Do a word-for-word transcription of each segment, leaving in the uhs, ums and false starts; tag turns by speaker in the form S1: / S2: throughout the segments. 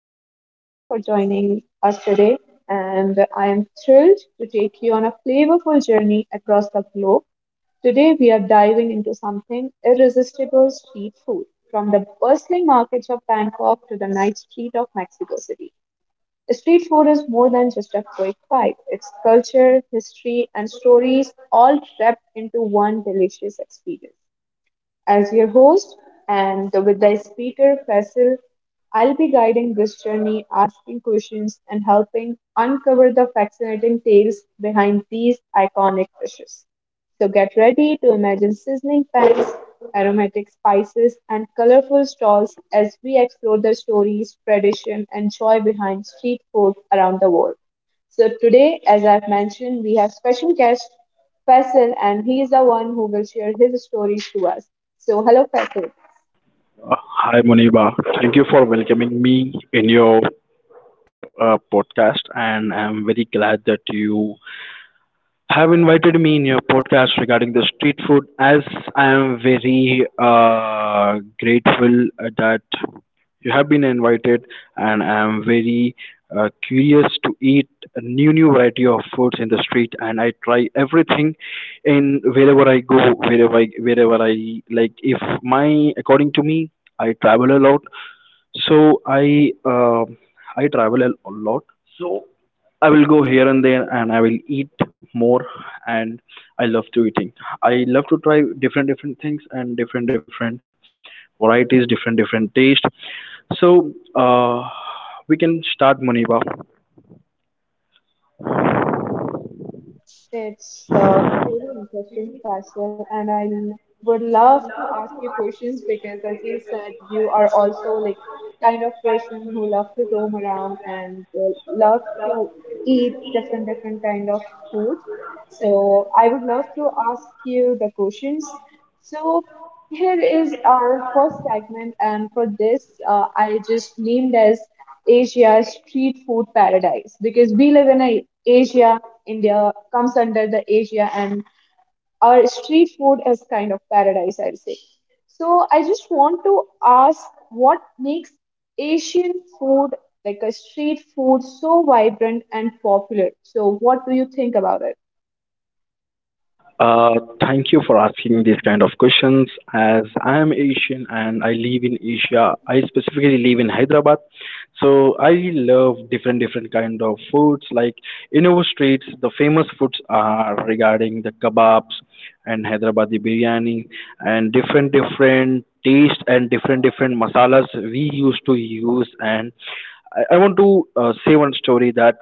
S1: and thank you for joining us today. And I am thrilled to take you on a flavorful journey across the globe. Today, we are diving into something irresistible street food, from the bustling markets of Bangkok to the night street of Mexico City. Street food is more than just a quick bite, it's culture, history, and stories all wrapped into one delicious experience. As your host and with the speaker, Faisal, I'll be guiding this journey, asking questions, and helping uncover the fascinating tales behind these iconic dishes. So get ready to imagine sizzling pans, aromatic spices, and colorful stalls as we explore the stories, tradition, and joy behind street food around the world. So today, as I've mentioned, we have special guest Faisal, and he is the one who will share his stories to us. So, hello, Faisal.
S2: Uh, Hi, Muniba. Thank you for welcoming me in your uh, podcast, and I'm very glad that you have invited me in your podcast regarding the street food as I am very uh, grateful that you have been invited and I am very uh, curious to eat a new new variety of foods in the street and I try everything in wherever I go wherever I wherever I, like, if my, according to me, I travel a lot, so I uh, I travel a a lot. So I will go here and there and I will eat more, and I love to eating. I love to try different different things and different different varieties, different different taste. So uh, we can start, Muniba.
S1: It's a really interesting Faisal, and I would love to ask you questions because, as you said, you are also like kind of person who loves to roam around and uh, love to eat different different kind of food. So, I would love to ask you the questions. So, here is our first segment, and for this, uh, I just named as Asia street food paradise because we live in a Asia India comes under the Asia and our street food is kind of paradise, I'd say. So I just want to ask what makes Asian food like a street food so vibrant and popular? So what do you think about it?
S2: Uh, Thank you for asking these kind of questions. As I am Asian and I live in Asia, I specifically live in Hyderabad. So I love different different kind of foods. Like in our streets, the famous foods are regarding the kebabs and Hyderabadi biryani and different different taste and different different masalas we used to use. And I, I want to uh, say one story that.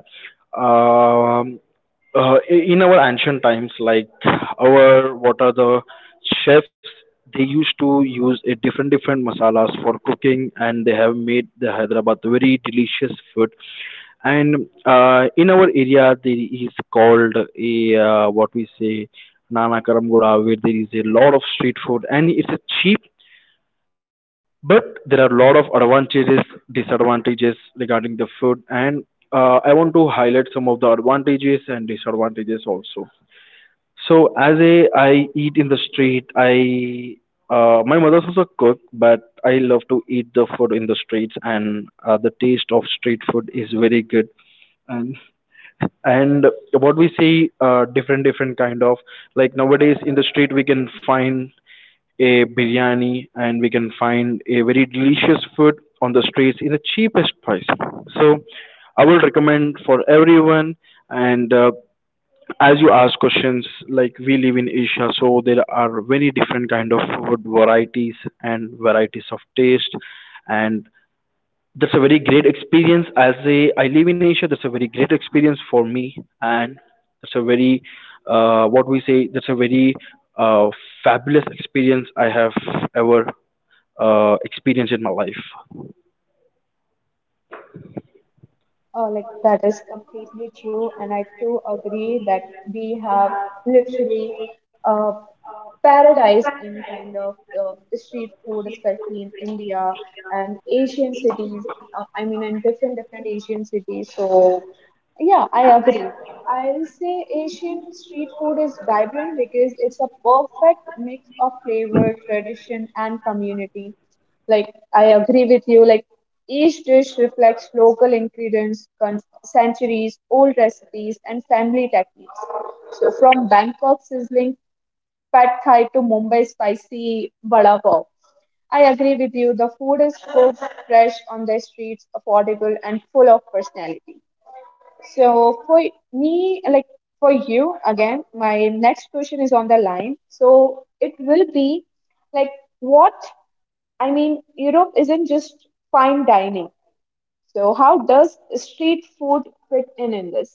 S2: Um, uh, i- in our ancient times, like our, what are the chefs, they used to use a different different masalas for cooking, and they have made the Hyderabad very delicious food. And uh, in our area, there is called a uh, what we say Nana Karamgoda, where there is a lot of street food, and it's a cheap, but there are a lot of advantages, disadvantages regarding the food. And uh, I some of the advantages and disadvantages also. So as a I eat in the street. I, uh, my mother's also a cook, but I love to eat the food in the streets, and uh, the taste of street food is very good. And and what we see, uh, different different kind of, like, nowadays in the street we can find a biryani and we can find a very delicious food on the streets in the cheapest price. So I will recommend for everyone and. Uh, as you ask questions, like, we live in asia, so there are very different kind of food varieties and varieties of taste, and that's a very great experience. As a I live in asia, that's a very great experience for me, and that's a very uh, what we say that's a very uh, fabulous experience I have ever uh, experienced in my life.
S1: Oh, like that is completely true, and I too agree that we have literally paradise in kind of uh, street food, especially in India and Asian cities. Uh, I mean, in different different Asian cities. So yeah, I agree. I'll say Asian street food is vibrant because it's a perfect mix of flavor, tradition, and community. Like I agree with you. Like each dish reflects local ingredients, con- centuries old recipes, and family techniques. So from Bangkok sizzling pad thai to Mumbai spicy vada pav. I agree with you. The food is cooked fresh on the streets, affordable and full of personality. So for me, like for you again, my next question is on the line. So it will be like what I mean, Europe isn't just fine dining. So how does street food fit in in this?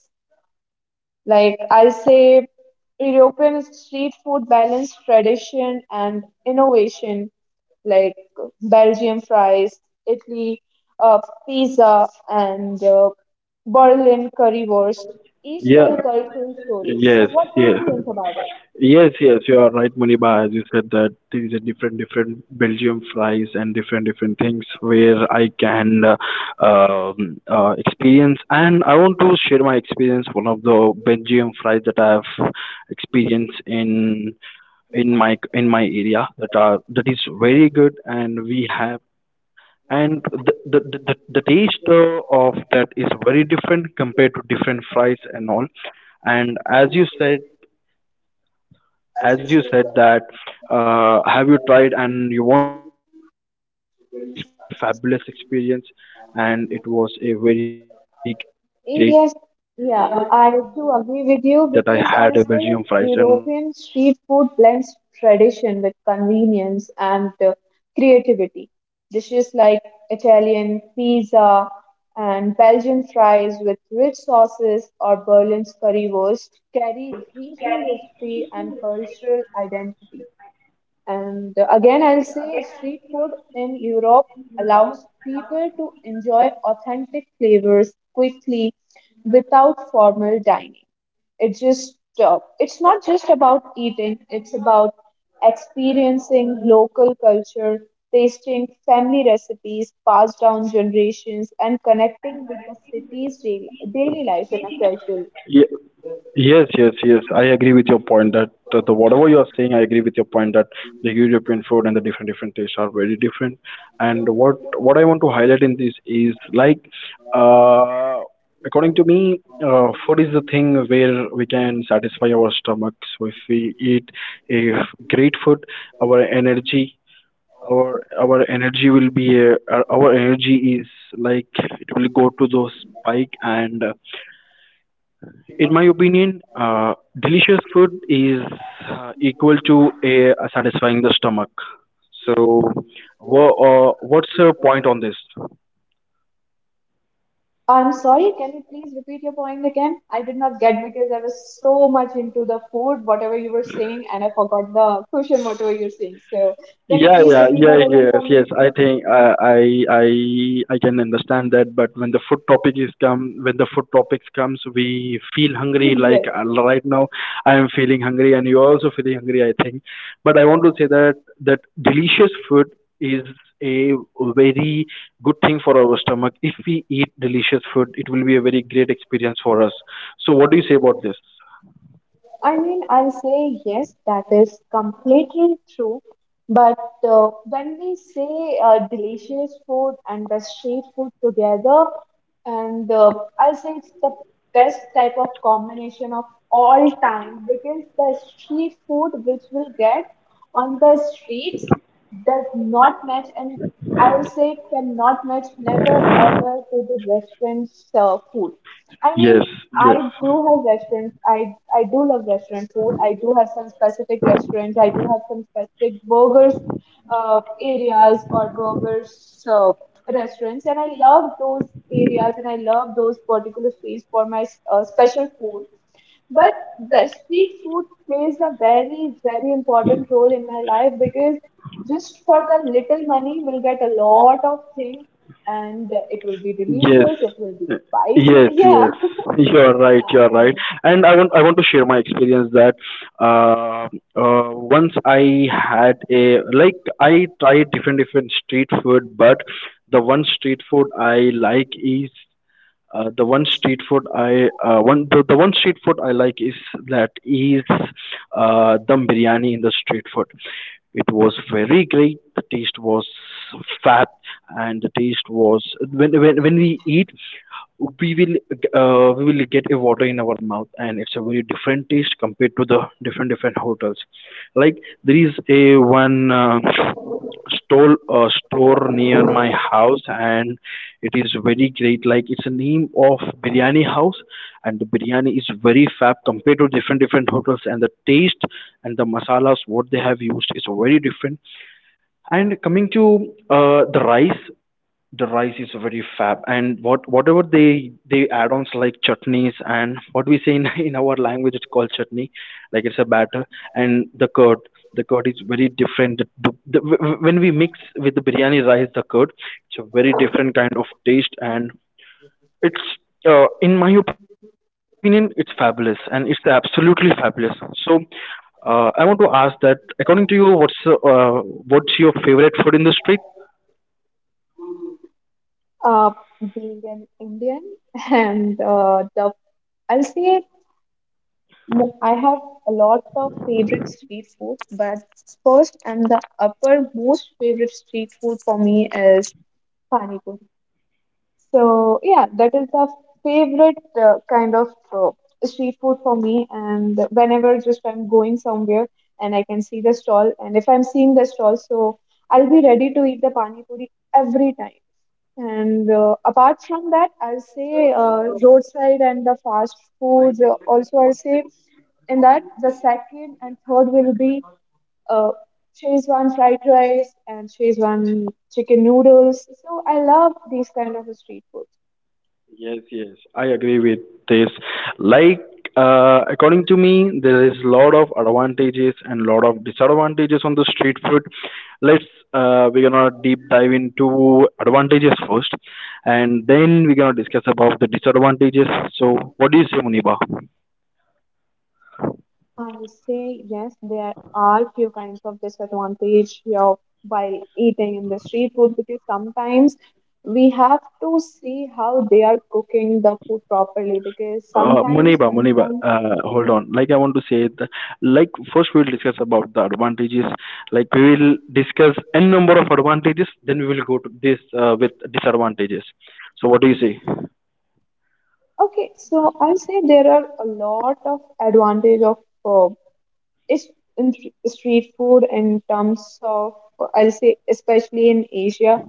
S1: Like I'll say, European street food balance tradition and innovation, like Belgium fries, Italy uh, pizza, and uh, Berlin currywurst. Each
S2: yeah
S1: tell cultural stories. So,
S2: yes
S1: what do
S2: yeah
S1: you think about it?
S2: Yes, you are right, Muniba. As you said that there is a different, different Belgium fries and different, different things where I can uh, um, uh, experience. And I want to share my experience. One of the Belgium fries that I have experienced in in my in my area that are that is very good, and we have, and the the the, the the taste uh, of that is very different compared to different fries and all. And as you said as you said that uh, have you tried, and you want to know my experience. It's a very fabulous experience, and it was a very great that I had a belgium fries
S1: Yes,
S2: and all.
S1: yeah, I too agree with you because I'll say European street food blends tradition with convenience and uh, creativity. Dishes like Italian pizza and Belgian fries with rich sauces or Berlin's currywurst carry regional history and cultural identity. And uh, again, I'll say street food in Europe allows people to enjoy authentic flavors quickly without formal dining. It just uh, it's not just about eating, it's about experiencing local culture, tasting family recipes passed down generations, and connecting with the city's daily daily life in a casual way.
S2: yeah, Yes, yes, yes. I agree with your point that, uh, the whatever you are saying, I agree with your that the European food and the different different tastes are very different. And what what I want to highlight in this is like, uh, according to me, uh, food is the thing where we can satisfy our stomach. So if we eat a great food, our energy. Our our energy will be uh, our our energy is, like, it will go to those spike. And uh, in my opinion, uh, delicious food is uh, equal to a, satisfying the stomach. So, wha- uh, what's your point on this?
S1: I'm sorry, can you please repeat your point again? I did not get because I was so much into the food, whatever you were saying, and I forgot the question, whatever you're saying. So, can you
S2: Yeah,
S1: please
S2: yeah,
S1: repeat
S2: yeah,
S1: that again
S2: yes,
S1: for me?
S2: yes. I think uh, I I I can understand that. But when the food topic is come, when the food topics comes, we feel hungry. Like, uh,
S1: Yes.
S2: right now, I am feeling hungry, and you are also feeling hungry, I think. But I want to say that that delicious food is a very good thing for our stomach. If we eat delicious food, it will be a very great experience for us. So, what do you say about this?
S1: I mean, I'll say yes, that is completely true. But uh, when we say uh, delicious food and the street food together, and uh, I'll say it's the best type of combination of all time because the street food which we get on the streets does not match, and I'll say cannot match never ever to the restaurant's uh, food. I
S2: Yes.
S1: mean, I do have restaurants. I I do love restaurant food. I do have some specific restaurants. I do have some specific burgers uh, areas or burgers uh, restaurants, and I love those areas and I love those particular space for my uh, special food. But the street food plays a very very important role in my life because just for the little money, we'll get a lot of things, and it will be
S2: Yes,
S1: delicious. It will be
S2: yes,
S1: spicy. Yeah.
S2: yes. You are right.
S1: Yeah,
S2: You are right.
S1: and
S2: And I want I want to share my experience that, uh, uh, once I had a, like, I tried different different street food, but the one street food I like is uh, the one street food I uh, one the, the one street food I like is that is uh, dum biryani in the street food. It was very great. The taste was fab, and the taste was when when, when we eat, we will uh, we will get a water in our mouth, and it's a very different taste compared to the different different hotels. Like, there is a one. Uh, stole a store near my house, and it is very great. Like, it's a name of biryani house, and the biryani is very fab compared to different different hotels, and the taste and the masalas what they have used is very different. And coming to uh, the rice, the rice is very fab. And what whatever they they add-ons, like chutneys and what we say in, in our language it's called chutney, like, it's a batter. And the curd, the curd is very different. The, the, the, wh- wh- when we mix with the biryani rice, the curd, it's a very different kind of taste, and it's, uh, in my opinion, it's fabulous, and it's absolutely fabulous. So, uh, I want to ask that according to you, what's uh, what's your favorite food in the street?
S1: uh, being an Indian, and uh, the I'll say mo- I have a lot of favorite street food, but first and the upper most favorite street food for me is pani puri. So yeah, that is the favorite uh, kind of uh, street food for me. And whenever just I'm going somewhere and I can see the stall, and if I'm seeing the stall, so I'll be ready to eat the pani puri every time. And uh, apart from that, I'll say uh, roadside and the fast foods. uh, Also, I'll say in that the second and third will be uh, Shezwan fried rice and Shezwan chicken noodles. So I love these kind of street foods.
S2: I agree with this. Like, uh, according to me, there is lot of advantages and lot of disadvantages on the street food. Let's uh, we're gonna deep dive into advantages first, and then we're gonna discuss about the disadvantages. So, what is your, Muniba?
S1: I would say yes, there are few kinds of disadvantage here while eating in the street food because sometimes we have to see how they are cooking the food properly because
S2: Uh,
S1: sometimes
S2: Muniba,
S1: in
S2: Muniba,
S1: some
S2: uh, hold on. Like, I want to say, the, like, first we will discuss about the advantages. Like, we will discuss n number of advantages, then we will go to this uh, with disadvantages. So what do you say?
S1: Okay, so I'll say there are a lot of advantage of uh, is- in th- street food in terms of I'll say especially in Asia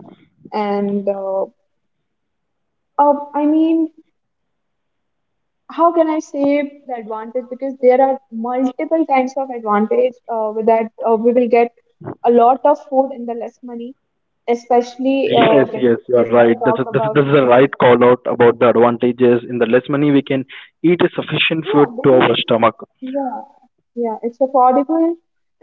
S1: and uh, uh, I mean how can I say the advantage because there are multiple kinds of advantage uh, with that uh, we will get a lot of food in the less money especially uh,
S2: Yes, yes, you are
S1: if I
S2: right. That's
S1: talk
S2: a, this, is-
S1: about
S2: this is a right
S1: the
S2: call out about the advantages. In the less money, we can eat a sufficient food
S1: yeah
S2: to
S1: because
S2: our stomach.
S1: yeah, yeah, it's affordable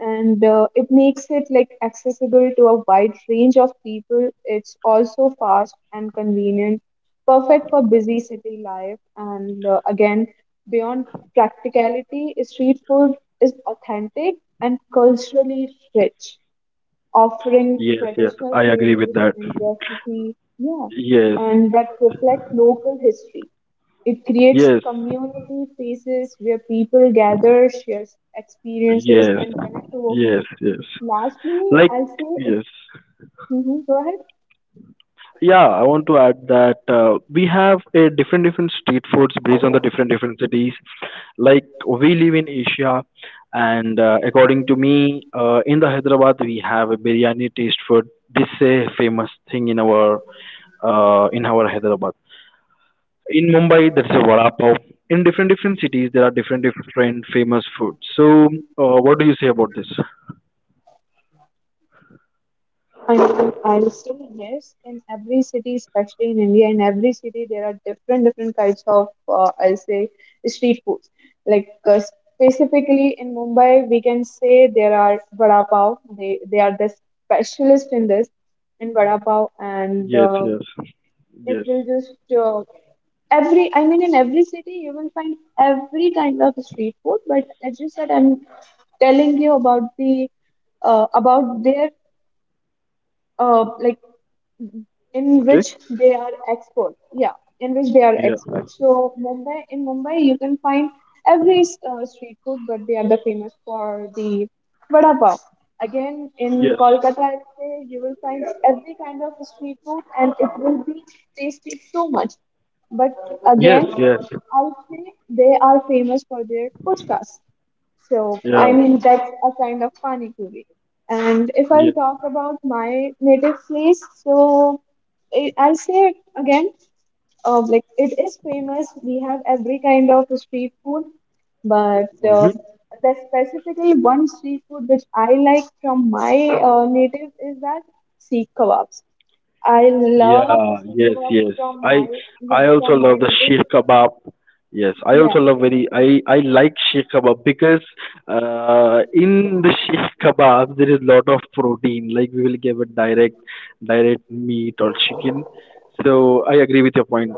S1: and uh, it makes it like accessible to a wide range of people. It's also fast and convenient, perfect for busy city life. And uh, again, beyond practicality, street food is authentic and culturally rich, offering
S2: Yes, yes,
S1: traditional
S2: I agree with
S1: flavors
S2: that.
S1: and recipes. Yeah,
S2: Yes,
S1: and that reflect local history. It creates
S2: yes,
S1: community spaces where people gather, share experiences,
S2: yes,
S1: and connect over
S2: yes,
S1: food.
S2: yes.
S1: Lastly,
S2: Like
S1: I'll say it.
S2: yes.
S1: Mhm. Go ahead.
S2: Yeah, I want to add that uh, we have a different different street foods based on the different different cities. Like, we live in asia, and uh, according to me, uh, in the hyderabad we have a biryani taste food. This is a famous thing in our uh, in our hyderabad. In mumbai, that's a vada pav. In different different cities there are different different famous foods. So uh, what do you say about this?
S1: I mean, I'll say yes. In every city, especially in India, in every city there are different different kinds of uh, I'll say street foods. Like uh, specifically in Mumbai, we can say there are vada pav. They they are the specialist in this in vada pav, and uh, it will just uh, every I mean in every city you will find every kind of street food but as you said I'm telling you about the uh, about their uh, like in which they are experts. Yeah, in which they are experts. So Mumbai, in Mumbai, you can find every uh, street food, but they are the famous for the vada pav. Again, in
S2: Yes,
S1: Kolkata, I'd say you will find every kind of street food, and it will be tasty so much. But
S2: yes,
S1: again,
S2: yes,
S1: I'll say they are famous for their puchkas. So
S2: yeah,
S1: I mean that's a kind of pani puri. And if I
S2: yeah.
S1: talk about my native place, so I- I'll say it again, uh, like it is famous. We have every kind of street food, but uh,
S2: Mhm.
S1: there's specifically one street food which I like from my uh, native is that seek kebabs. I love the
S2: Yeah,
S1: seek
S2: yes,
S1: kebabs
S2: yes.
S1: from my
S2: I I
S1: yeah
S2: also
S1: from my
S2: love the
S1: native
S2: sheer kebab. Yes, I
S1: yeah
S2: also love very I I like sheer kebab because uh in the sheer kebab there is lot of protein. Like, we will give it direct direct meat or chicken. So I agree with your point.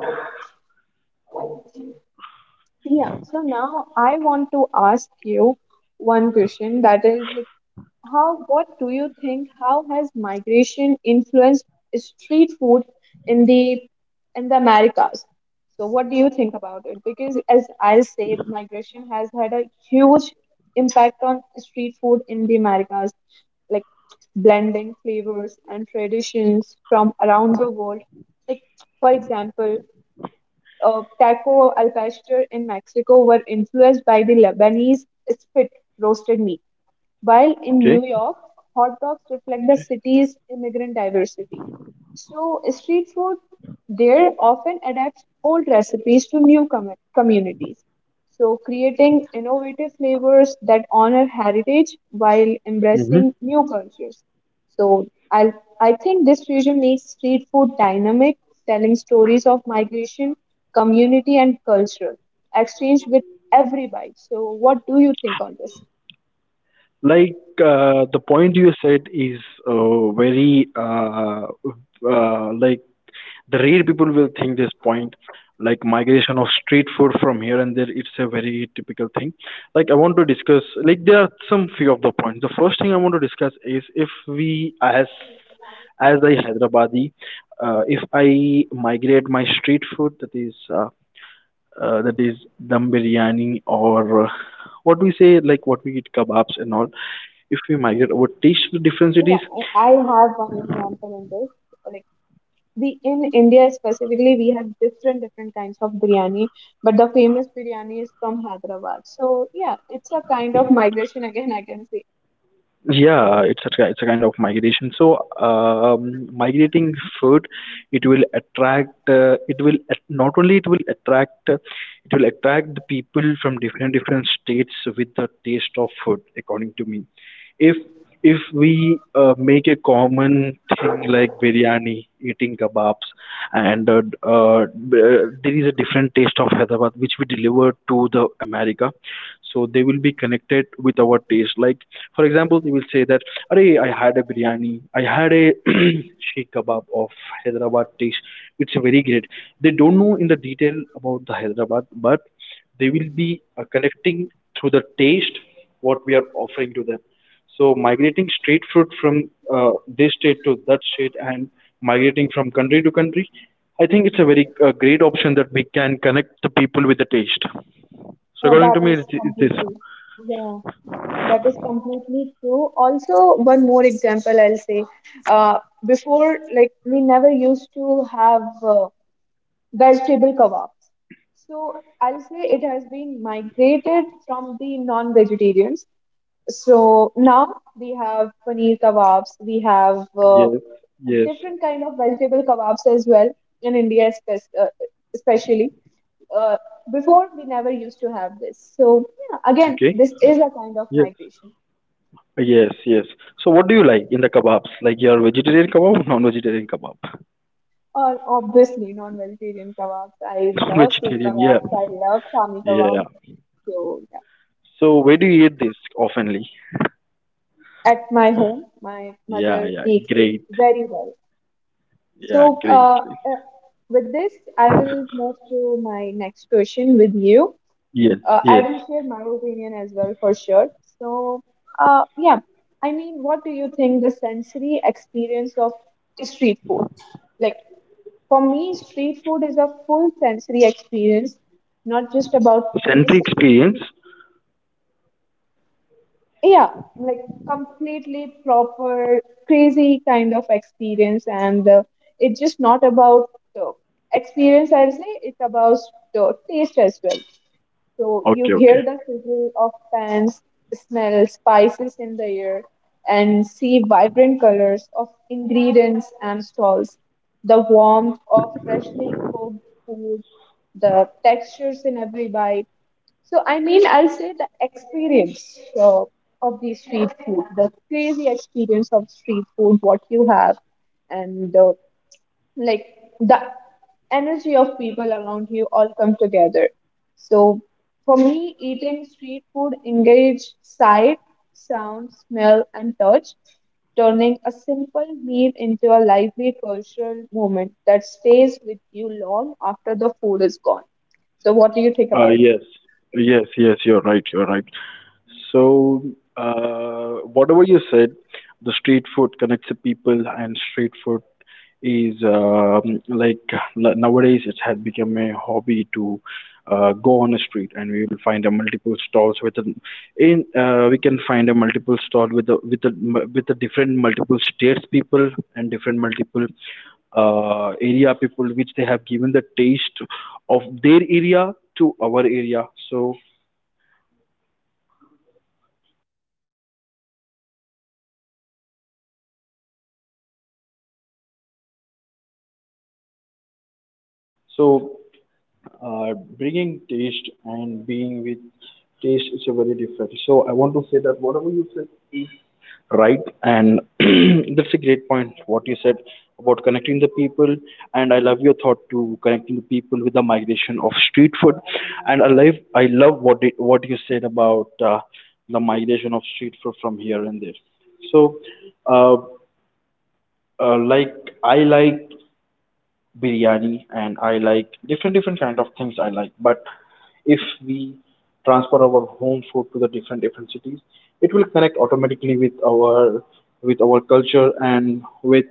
S1: yeah. So now I want to ask you one question that is like How, what do you think? How has migration influenced street food in the in the Americas? So, what do you think about it? Because as I'll say, migration has had a huge impact on street food in the Americas, like blending flavors and traditions from around the world. Like, for example, uh, taco al pastor in Mexico were influenced by the Lebanese spit roasted meat while in
S2: Okay.
S1: New York, hot dogs reflect the city's immigrant diversity. So, street food there often adapts old recipes to new com- communities. So, creating innovative flavors that honor heritage while embracing new cultures. So, I, I think this fusion makes street food dynamic, telling stories of migration, community, and culture, exchange with every bite. So, what do you think on this?
S2: Like, uh, the point you said is uh, very uh, uh, like, the rare people will think this point. Like, migration of street food from here and there, it's a very typical thing. Like, I want to discuss, like, there are some few of the points. The first thing I want to discuss is if we as as a hyderabadi, uh, if I migrate my street food, that is uh, uh, that is dum biryani or uh, what we say like what we eat, kebabs and all. If we migrate, what taste difference it
S1: Yeah,
S2: is?
S1: I I have one example in this. Like we in India specifically, we have different different kinds of biryani, but the famous biryani is from Hyderabad. So yeah, it's a kind of migration again. I can say
S2: Yeah, it's a ki- it's a kind of migration. So um, migrating food, it will attract, uh, it will at- not only it will attract uh, it will attract the people from different different states with the taste of food. According to me, if if we uh, make a common thing like biryani, eating kebabs, and uh, d- uh, b- uh, there is a different taste of Hyderabad which we deliver to the America, so they will be connected with our taste. Like, for example, they will say that, "Arey, I had a biryani, I had a sheikh kebab of Hyderabad taste. It's very great." They don't know in the detail about the Hyderabad, but they will be uh, connecting through the taste what we are offering to them. So migrating street food from uh, this state to that state, and migrating from country to country, I think it's a very uh, great option that we can connect the people with the taste. So
S1: Uh,
S2: according
S1: that
S2: to me,
S1: is
S2: it's, it's this.
S1: completely yeah, that is completely true. Also, one more example I'll say. Uh, before like we never used to have uh, vegetable kebabs. So I'll say it has been migrated from the non-vegetarians. So now we have paneer kebabs, we have uh,
S2: Yes, yes.
S1: different kind of vegetable kebabs as well in India, espe- uh, especially. Uh, before we never used to have this. So yeah, again,
S2: Okay.
S1: this is a kind of
S2: Yes.
S1: migration.
S2: Yes, yes. So what do you like in the kebabs? Like your vegetarian kebab or non-vegetarian kebab?
S1: Or obviously non-vegetarian kebabs. I love steak
S2: Non-vegetarian, yeah.
S1: kebabs. I love shami
S2: Yeah.
S1: kebabs. So yeah.
S2: So where do you eat this oftenly?
S1: At my home, my
S2: Yeah,
S1: mother
S2: yeah.
S1: makes it
S2: Great.
S1: very well.
S2: Yeah,
S1: So
S2: great,
S1: uh,
S2: great.
S1: uh, with this, I will move to my next question with you.
S2: Yes,
S1: uh, I
S2: yes.
S1: will share my opinion as well for sure. So, uh, yeah, I mean, what do you think the sensory experience of street food? Like, for me, street food is a full sensory experience, not just about
S2: Sensory
S1: taste.
S2: experience.
S1: Yeah, like completely proper, crazy kind of experience, and uh, it's just not about uh, experience. I'll say it's about uh, taste as well. So you
S2: Okay,
S1: hear
S2: okay.
S1: the sizzle of pans, smell spices in the air, and see vibrant colors of ingredients and stalls. The warmth of freshly cooked food, the textures in every bite. So I mean, I'll say the experience uh, of the street food, the crazy experience of street food, what you have, and uh, like the energy of people around you all come together. So for me, eating street food engage sight, sound, smell, and touch, turning a simple meal into a lively cultural moment that stays with you long after the food is gone. So what do you think
S2: Uh,
S1: about it?
S2: yes, yes, yes. You're right. You're right. So, uh, whatever you said, the street food connects the people, and street food is um, like l- nowadays it has become a hobby to uh, go on a street, and we will find a multiple stalls with a in uh, we can find a multiple stall with a with a m- with a different multiple states people and different multiple uh, area people which they have given the taste of their area to our area. So So, uh, bringing taste and being with taste is a very different. So, I want to say that whatever you said, right? And that's a great point. What you said about connecting the people, and I love your thought to connecting the people with the migration of street food. And I love, I love what it, what you said about uh, the migration of street food from here and there. So, uh, uh, like I like biryani and I like different different kind of things I like. But if we transfer our home food to the different different cities, it will connect automatically with our with our culture and with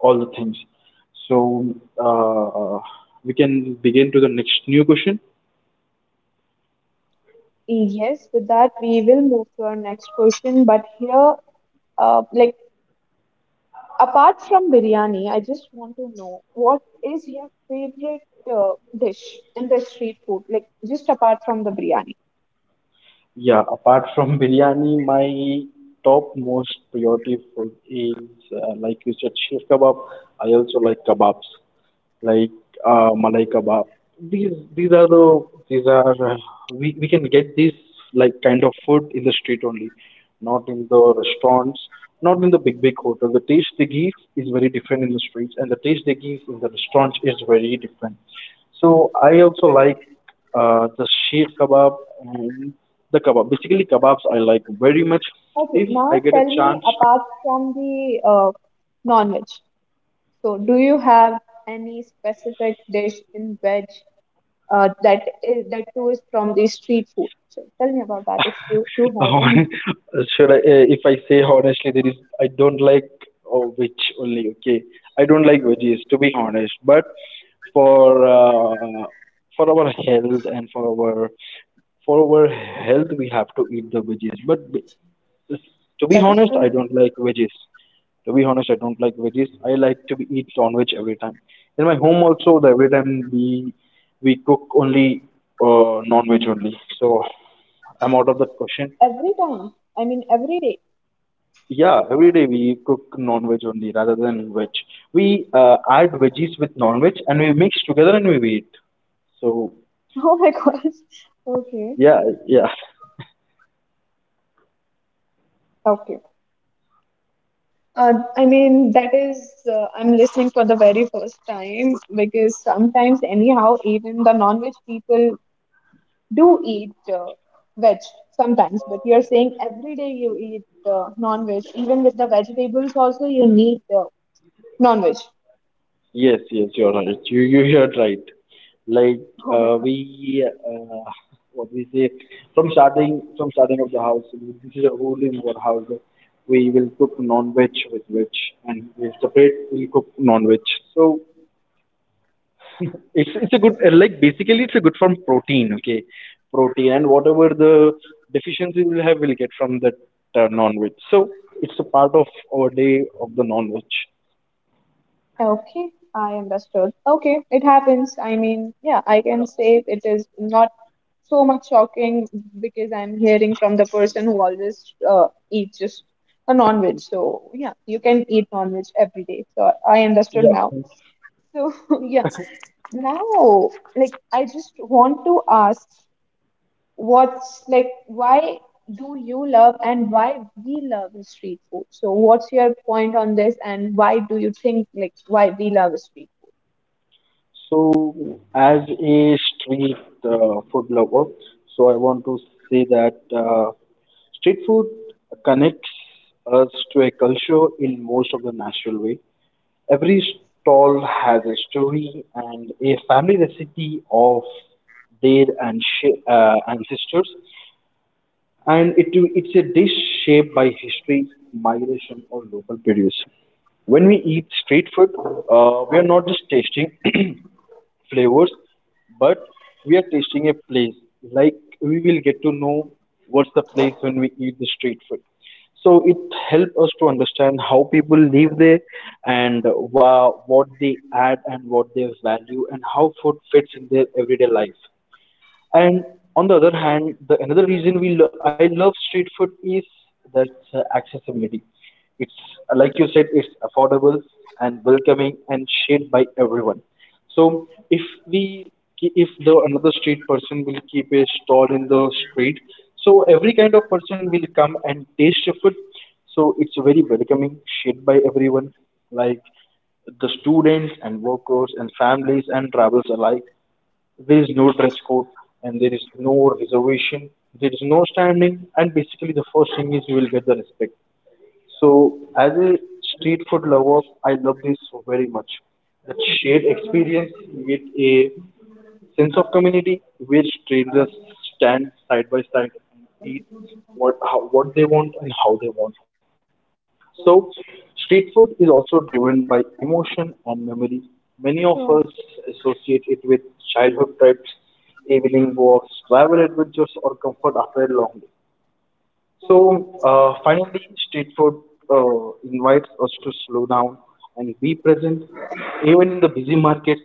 S2: all the things. So uh, we can begin to the next new question.
S1: Yes, with that we will move to our next question. But here, uh, like apart from biryani, I just want to know what is your favorite uh, dish in the street food, like just apart from the biryani.
S2: Yeah, apart from biryani, my top most priority food is uh, like you said, sheer kebab. I also like kebabs, like uh, malai kebab. These these are the these are uh, we we can get this like kind of food in the street only, not in the restaurants, not in the big big hotel. The taste they give is very different in the streets, and the taste they give in the restaurants is very different. So I also like uh, the sheer kebab and the kebab. Basically, kebabs I like very much.
S1: Okay,
S2: If I
S1: now
S2: get a
S1: tell me
S2: chance.
S1: apart from the uh, non-veg. So, do you have any specific dish in veg uh, that is that too is from the street food? So, tell me about that if you do have any.
S2: Hon- Should I, uh, if I say honestly, there is, I don't like oh, veg only, okay? I don't like veggies, to be honest. But for uh, for our health and for our for our health, we have to eat the veggies. But to be
S1: That is
S2: honest, I
S1: true.
S2: don't like veggies. To be honest, I don't like veggies. I like to be eat non-veg every time. In my home also, the every time we we cook only uh, non-veg only. So I'm out of that question.
S1: Every time, I mean every day.
S2: Yeah, every day we cook non-veg only rather than veg. We uh, add veggies with non-veg and we mix together and we eat. So
S1: Oh my gosh. Okay.
S2: yeah, yeah.
S1: Okay. Uh, I mean, that is, uh, I'm listening for the very first time because sometimes, anyhow, even the non veg people do eat uh, veg sometimes. But you're saying every day you eat uh, non veg, even with the vegetables, also you need uh, non veg.
S2: Yes, yes, you're right. You you heard right. Like
S1: Oh my
S2: uh,
S1: god.
S2: we uh, what we say from starting from starting of the house, this is a rule in our house, that we will cook non-veg with veg, and we separate. We cook non-veg. So it's it's a good uh, like basically it's a good from protein. Okay, protein, and whatever the deficiency we'll have, we'll get from that uh, non-veg. So it's a part of our day of the non-veg.
S1: Okay, I understood. Okay, it happens. I mean, yeah, I can say it is not so much shocking because I'm hearing from the person who always uh, eats just a non-veg. So yeah, you can eat non-veg every day. So I understood
S2: Yeah.
S1: now. So yeah, now like I just want to ask, what's like why do you love and why we love street food? So what's your point on this and why do you think like why we love street.
S2: So, as a street uh, food lover, so I want to say that uh, street food connects us to a culture in most of the natural way. Every stall has a story and a family recipe of their and uh, ancestors, and it it's a dish shaped by history, migration, or local produce. When we eat street food, uh, we are not just tasting flavors, but we are tasting a place. Like we will get to know what's the place when we eat the street food. So it helps us to understand how people live there and wha- what they add and what they value and how food fits in their everyday life. And on the other hand, the another reason we lo- I love street food is that's uh, accessibility. It's uh, like you said, it's affordable and welcoming and shared by everyone. So if we ki- if the another street person will keep a stall in the street, so every kind of person will come and taste your food. So it's very welcoming, shared by everyone, like the students and workers and families and travels alike. There is no dress code and there is no reservation. There is no standing, and basically, the first thing is you will get the respect. So, as a street food lover, I love this very much. That shared experience with a sense of community where strangers stand side by side and eat what how, what they want and how they want. So, street food is also driven by emotion and memory. Many of
S1: True,
S2: us associate it with childhood trips, evening walks, travel adventures, or comfort after a long day. So uh, finally, street food uh, invites us to slow down and be present. Even in the busy markets,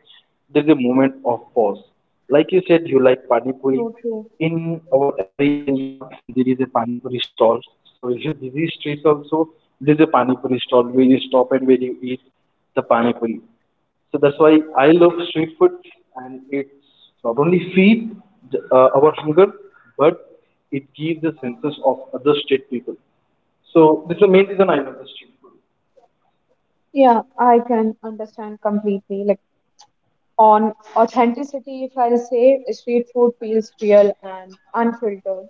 S2: there is a moment of pause. Like you said, you like pani puri.
S1: true, true.
S2: In our every area, there is a pani puri stall. So in your busy streets also, there is a pani puri stall where you stop and where you eat the pani puri. So that's why I love street food, and it's not only feed uh, our hunger, but it gives the senses of other state people. So this is the main reason I love the street food.
S1: Yeah, I can understand completely. Like on authenticity, if I'll say, street food feels real and unfiltered.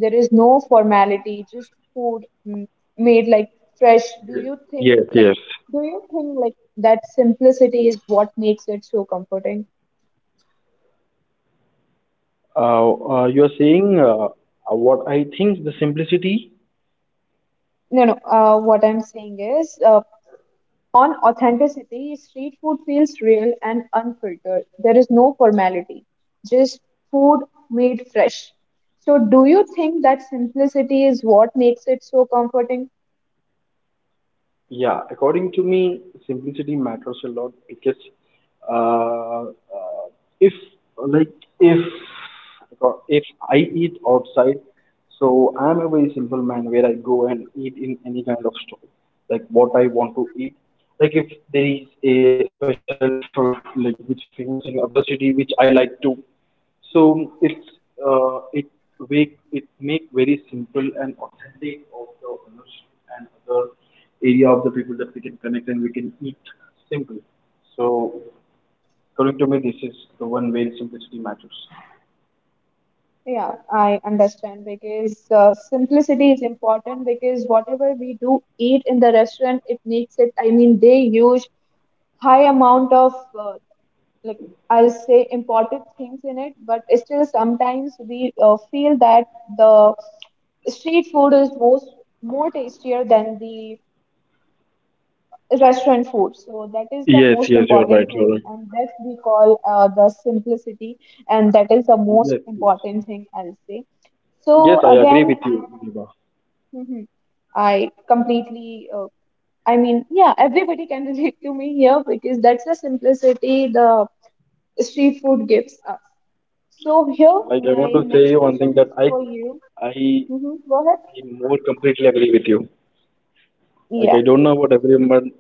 S1: There is no formality, just food m- made like fresh. Do you
S2: Yes,
S1: think
S2: yes.
S1: like do you think like that simplicity is what makes it so comforting?
S2: Uh, uh, you are saying uh, uh, what I think the simplicity.
S1: No, no. Uh, what I'm saying is, uh, on authenticity, street food feels real and unfiltered. There is no formality, just food made fresh. So, do you think that simplicity is what makes it so comforting?
S2: Yeah, according to me, simplicity matters a lot because uh, uh, if like if if I eat outside, so I'm a very simple man where I go and eat in any kind of store, like what I want to eat. Like if there is a special food like which is famous in other city which I like to, so it's uh, it make it make very simple and authentic, of the and other area of the people, that we can connect and we can eat simple. So according to me, this is the one where simplicity matters.
S1: Yeah, I understand because uh, simplicity is important because whatever we do eat in the restaurant, it makes it, I mean, they use high amount of uh, like I'll say imported things in it, but still sometimes we uh, feel that the street food is most more tastier than the restaurant food, so that is the
S2: Yes,
S1: most
S2: yes, you're right,
S1: important
S2: you're
S1: thing
S2: right.
S1: and that we call uh, the simplicity, and that is the most
S2: Yes, yes.
S1: important thing, I'll say. So
S2: Yes, I agree
S1: again
S2: with
S1: i,
S2: you, Diva.
S1: mhm. I completely uh, I mean, yeah, everybody can relate to me here because that's the simplicity the street food gives us. So here
S2: Like I want
S1: my
S2: to
S1: next
S2: say one
S1: question
S2: thing that
S1: is
S2: I
S1: for you.
S2: I,
S1: Hmm,
S2: I
S1: go ahead.
S2: more completely agree with you. Like I don't know about everyone,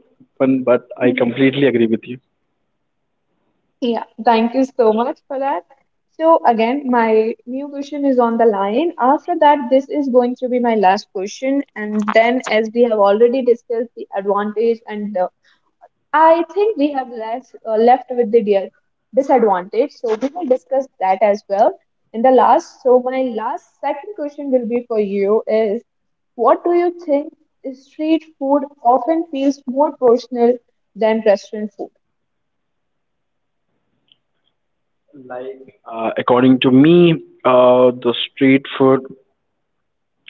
S2: but I
S1: Yeah,
S2: completely agree with you.
S1: yeah, thank you so much for that. So again, my new question is on the line. After that, this is going to be my last question. And then, as we have already discussed the advantage, and uh, I think we have less, uh, left with the dia- disadvantage. So we will discuss that as well in the last. So my last second question will be for you is, what do you think is street food often feels more personal than restaurant food?
S2: Like uh, according to me, uh, the street food,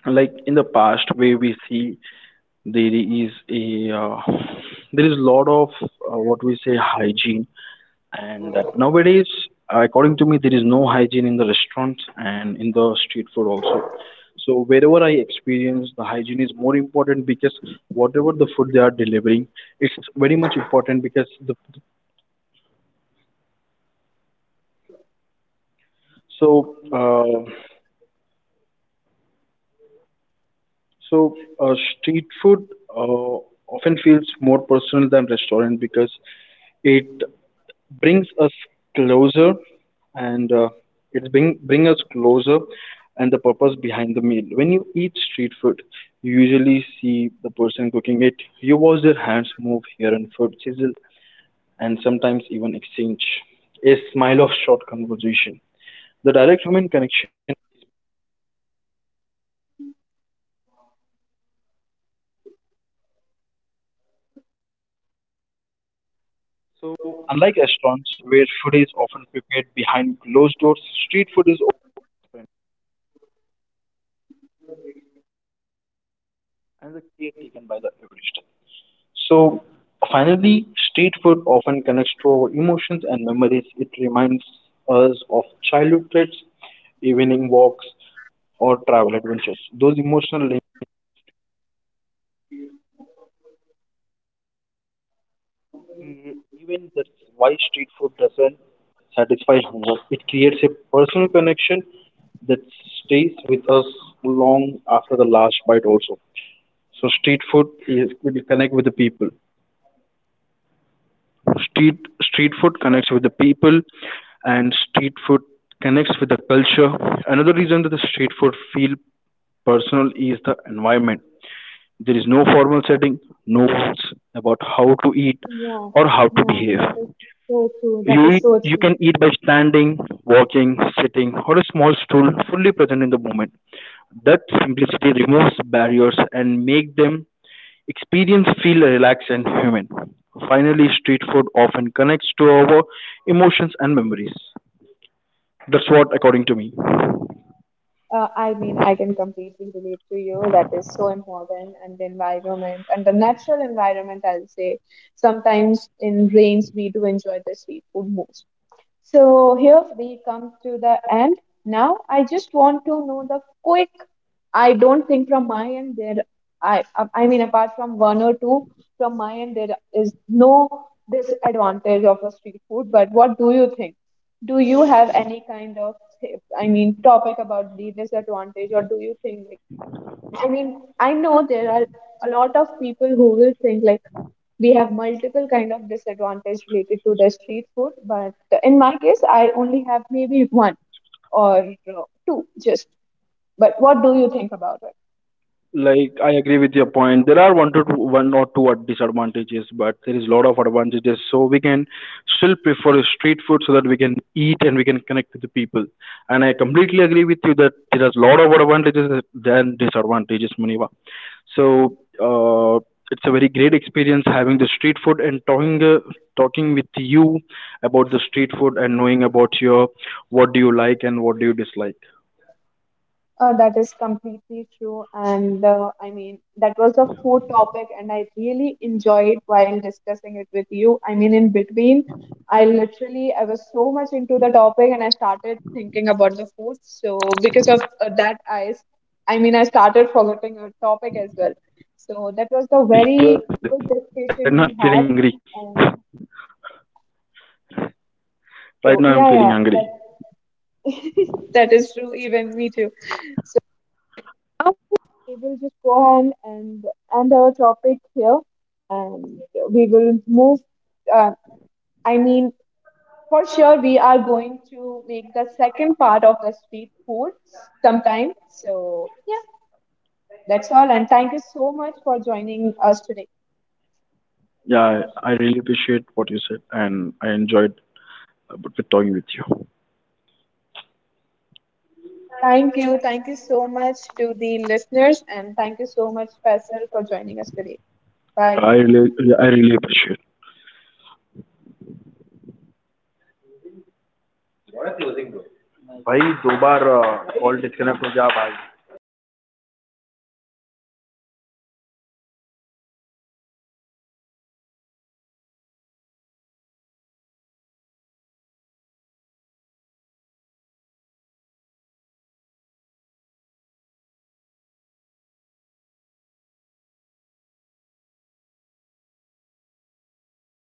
S2: like in the past way we see, there is a uh, there is a lot of uh, what we say hygiene, and uh, nowadays according to me there is no hygiene in the restaurant and in the street food also. So wherever I experience, the hygiene is more important because whatever the food they are delivering, it's very much important because the so uh, So, uh, street food uh, often feels more personal than restaurant because it brings us closer, and uh, it bring bring us closer, and the purpose behind the meal. When you eat street food, you usually see the person cooking it. You watch their hands move here and food sizzle, and sometimes even exchange a smile of short conversation. Emotions and memories, it reminds us of childhood trips, evening walks, or travel adventures that stays with us long after the last bite also. So street food is will connect with the people. Street street food connects with the people and street food connects with the culture. Another reason that the street food feel personal is the environment. There is no formal setting, no rules about how to eat
S1: Yeah,
S2: or how to
S1: yeah,
S2: behave.
S1: that is so true. That
S2: You
S1: is
S2: eat,
S1: so
S2: you can
S1: true.
S2: eat by standing, walking, sitting, or a small stool, fully present in the moment. That simplicity removes barriers and make them experience feel relaxed and human. Finally, street food often connects to our emotions and memories. That's what according to me.
S1: Uh, I mean, I can completely relate to you. That is so important. And the environment and the natural environment, I'll say. Sometimes in rains, we do enjoy the street food most. So here we come to the end. Now I just want to know the quick. I don't think from my end there. I I mean apart from one or two from my end there is no disadvantage of a street food. But what do you think? Do you have any kind of, I mean, topic about the disadvantage, or do you think, I mean, I know there are a lot of people who will think like we have multiple kind of disadvantage related to the street food, but in my case, I only have maybe one or uh, two just. But what do you think about it?
S2: Like I agree with your point. There are one to two, one or two disadvantages, but there is a lot of advantages. So we can still prefer street food so that we can eat and we can connect with the people. And I completely agree with you that there is a lot of advantages than disadvantages, Muniva. So uh, it's a very great experience having the street food and talking uh, talking with you about the street food and knowing about your what do you like and what do you dislike.
S1: Uh, that is completely true. And uh, I mean, that was a food topic, and I really enjoyed while discussing it with you. I mean, in between, I literally I was so much into the topic, and I started thinking about the food. So because of uh, that, I s- I mean, I started forgetting our topic as well. So that was the
S2: Yes,
S1: very
S2: yes.
S1: good
S2: Right now
S1: discussion
S2: I'm
S1: we
S2: feeling
S1: had.
S2: hungry.
S1: And
S2: Right now
S1: so
S2: I'm
S1: yeah,
S2: feeling
S1: yeah,
S2: hungry.
S1: that that is true. Even me too. We will just go ahead and end our topic here, and we will move, uh, I mean, for sure we are going to make the second part of the street food sometime. So yeah, that's all, and thank you so much for joining us today.
S2: Yeah, I I really appreciate what you said, and I enjoyed uh, b- talking with you.
S1: Thank you. Thank you so much to the listeners, and thank you so much, Faisal, for joining us today.
S2: I
S1: Bye.
S2: really, I really appreciate.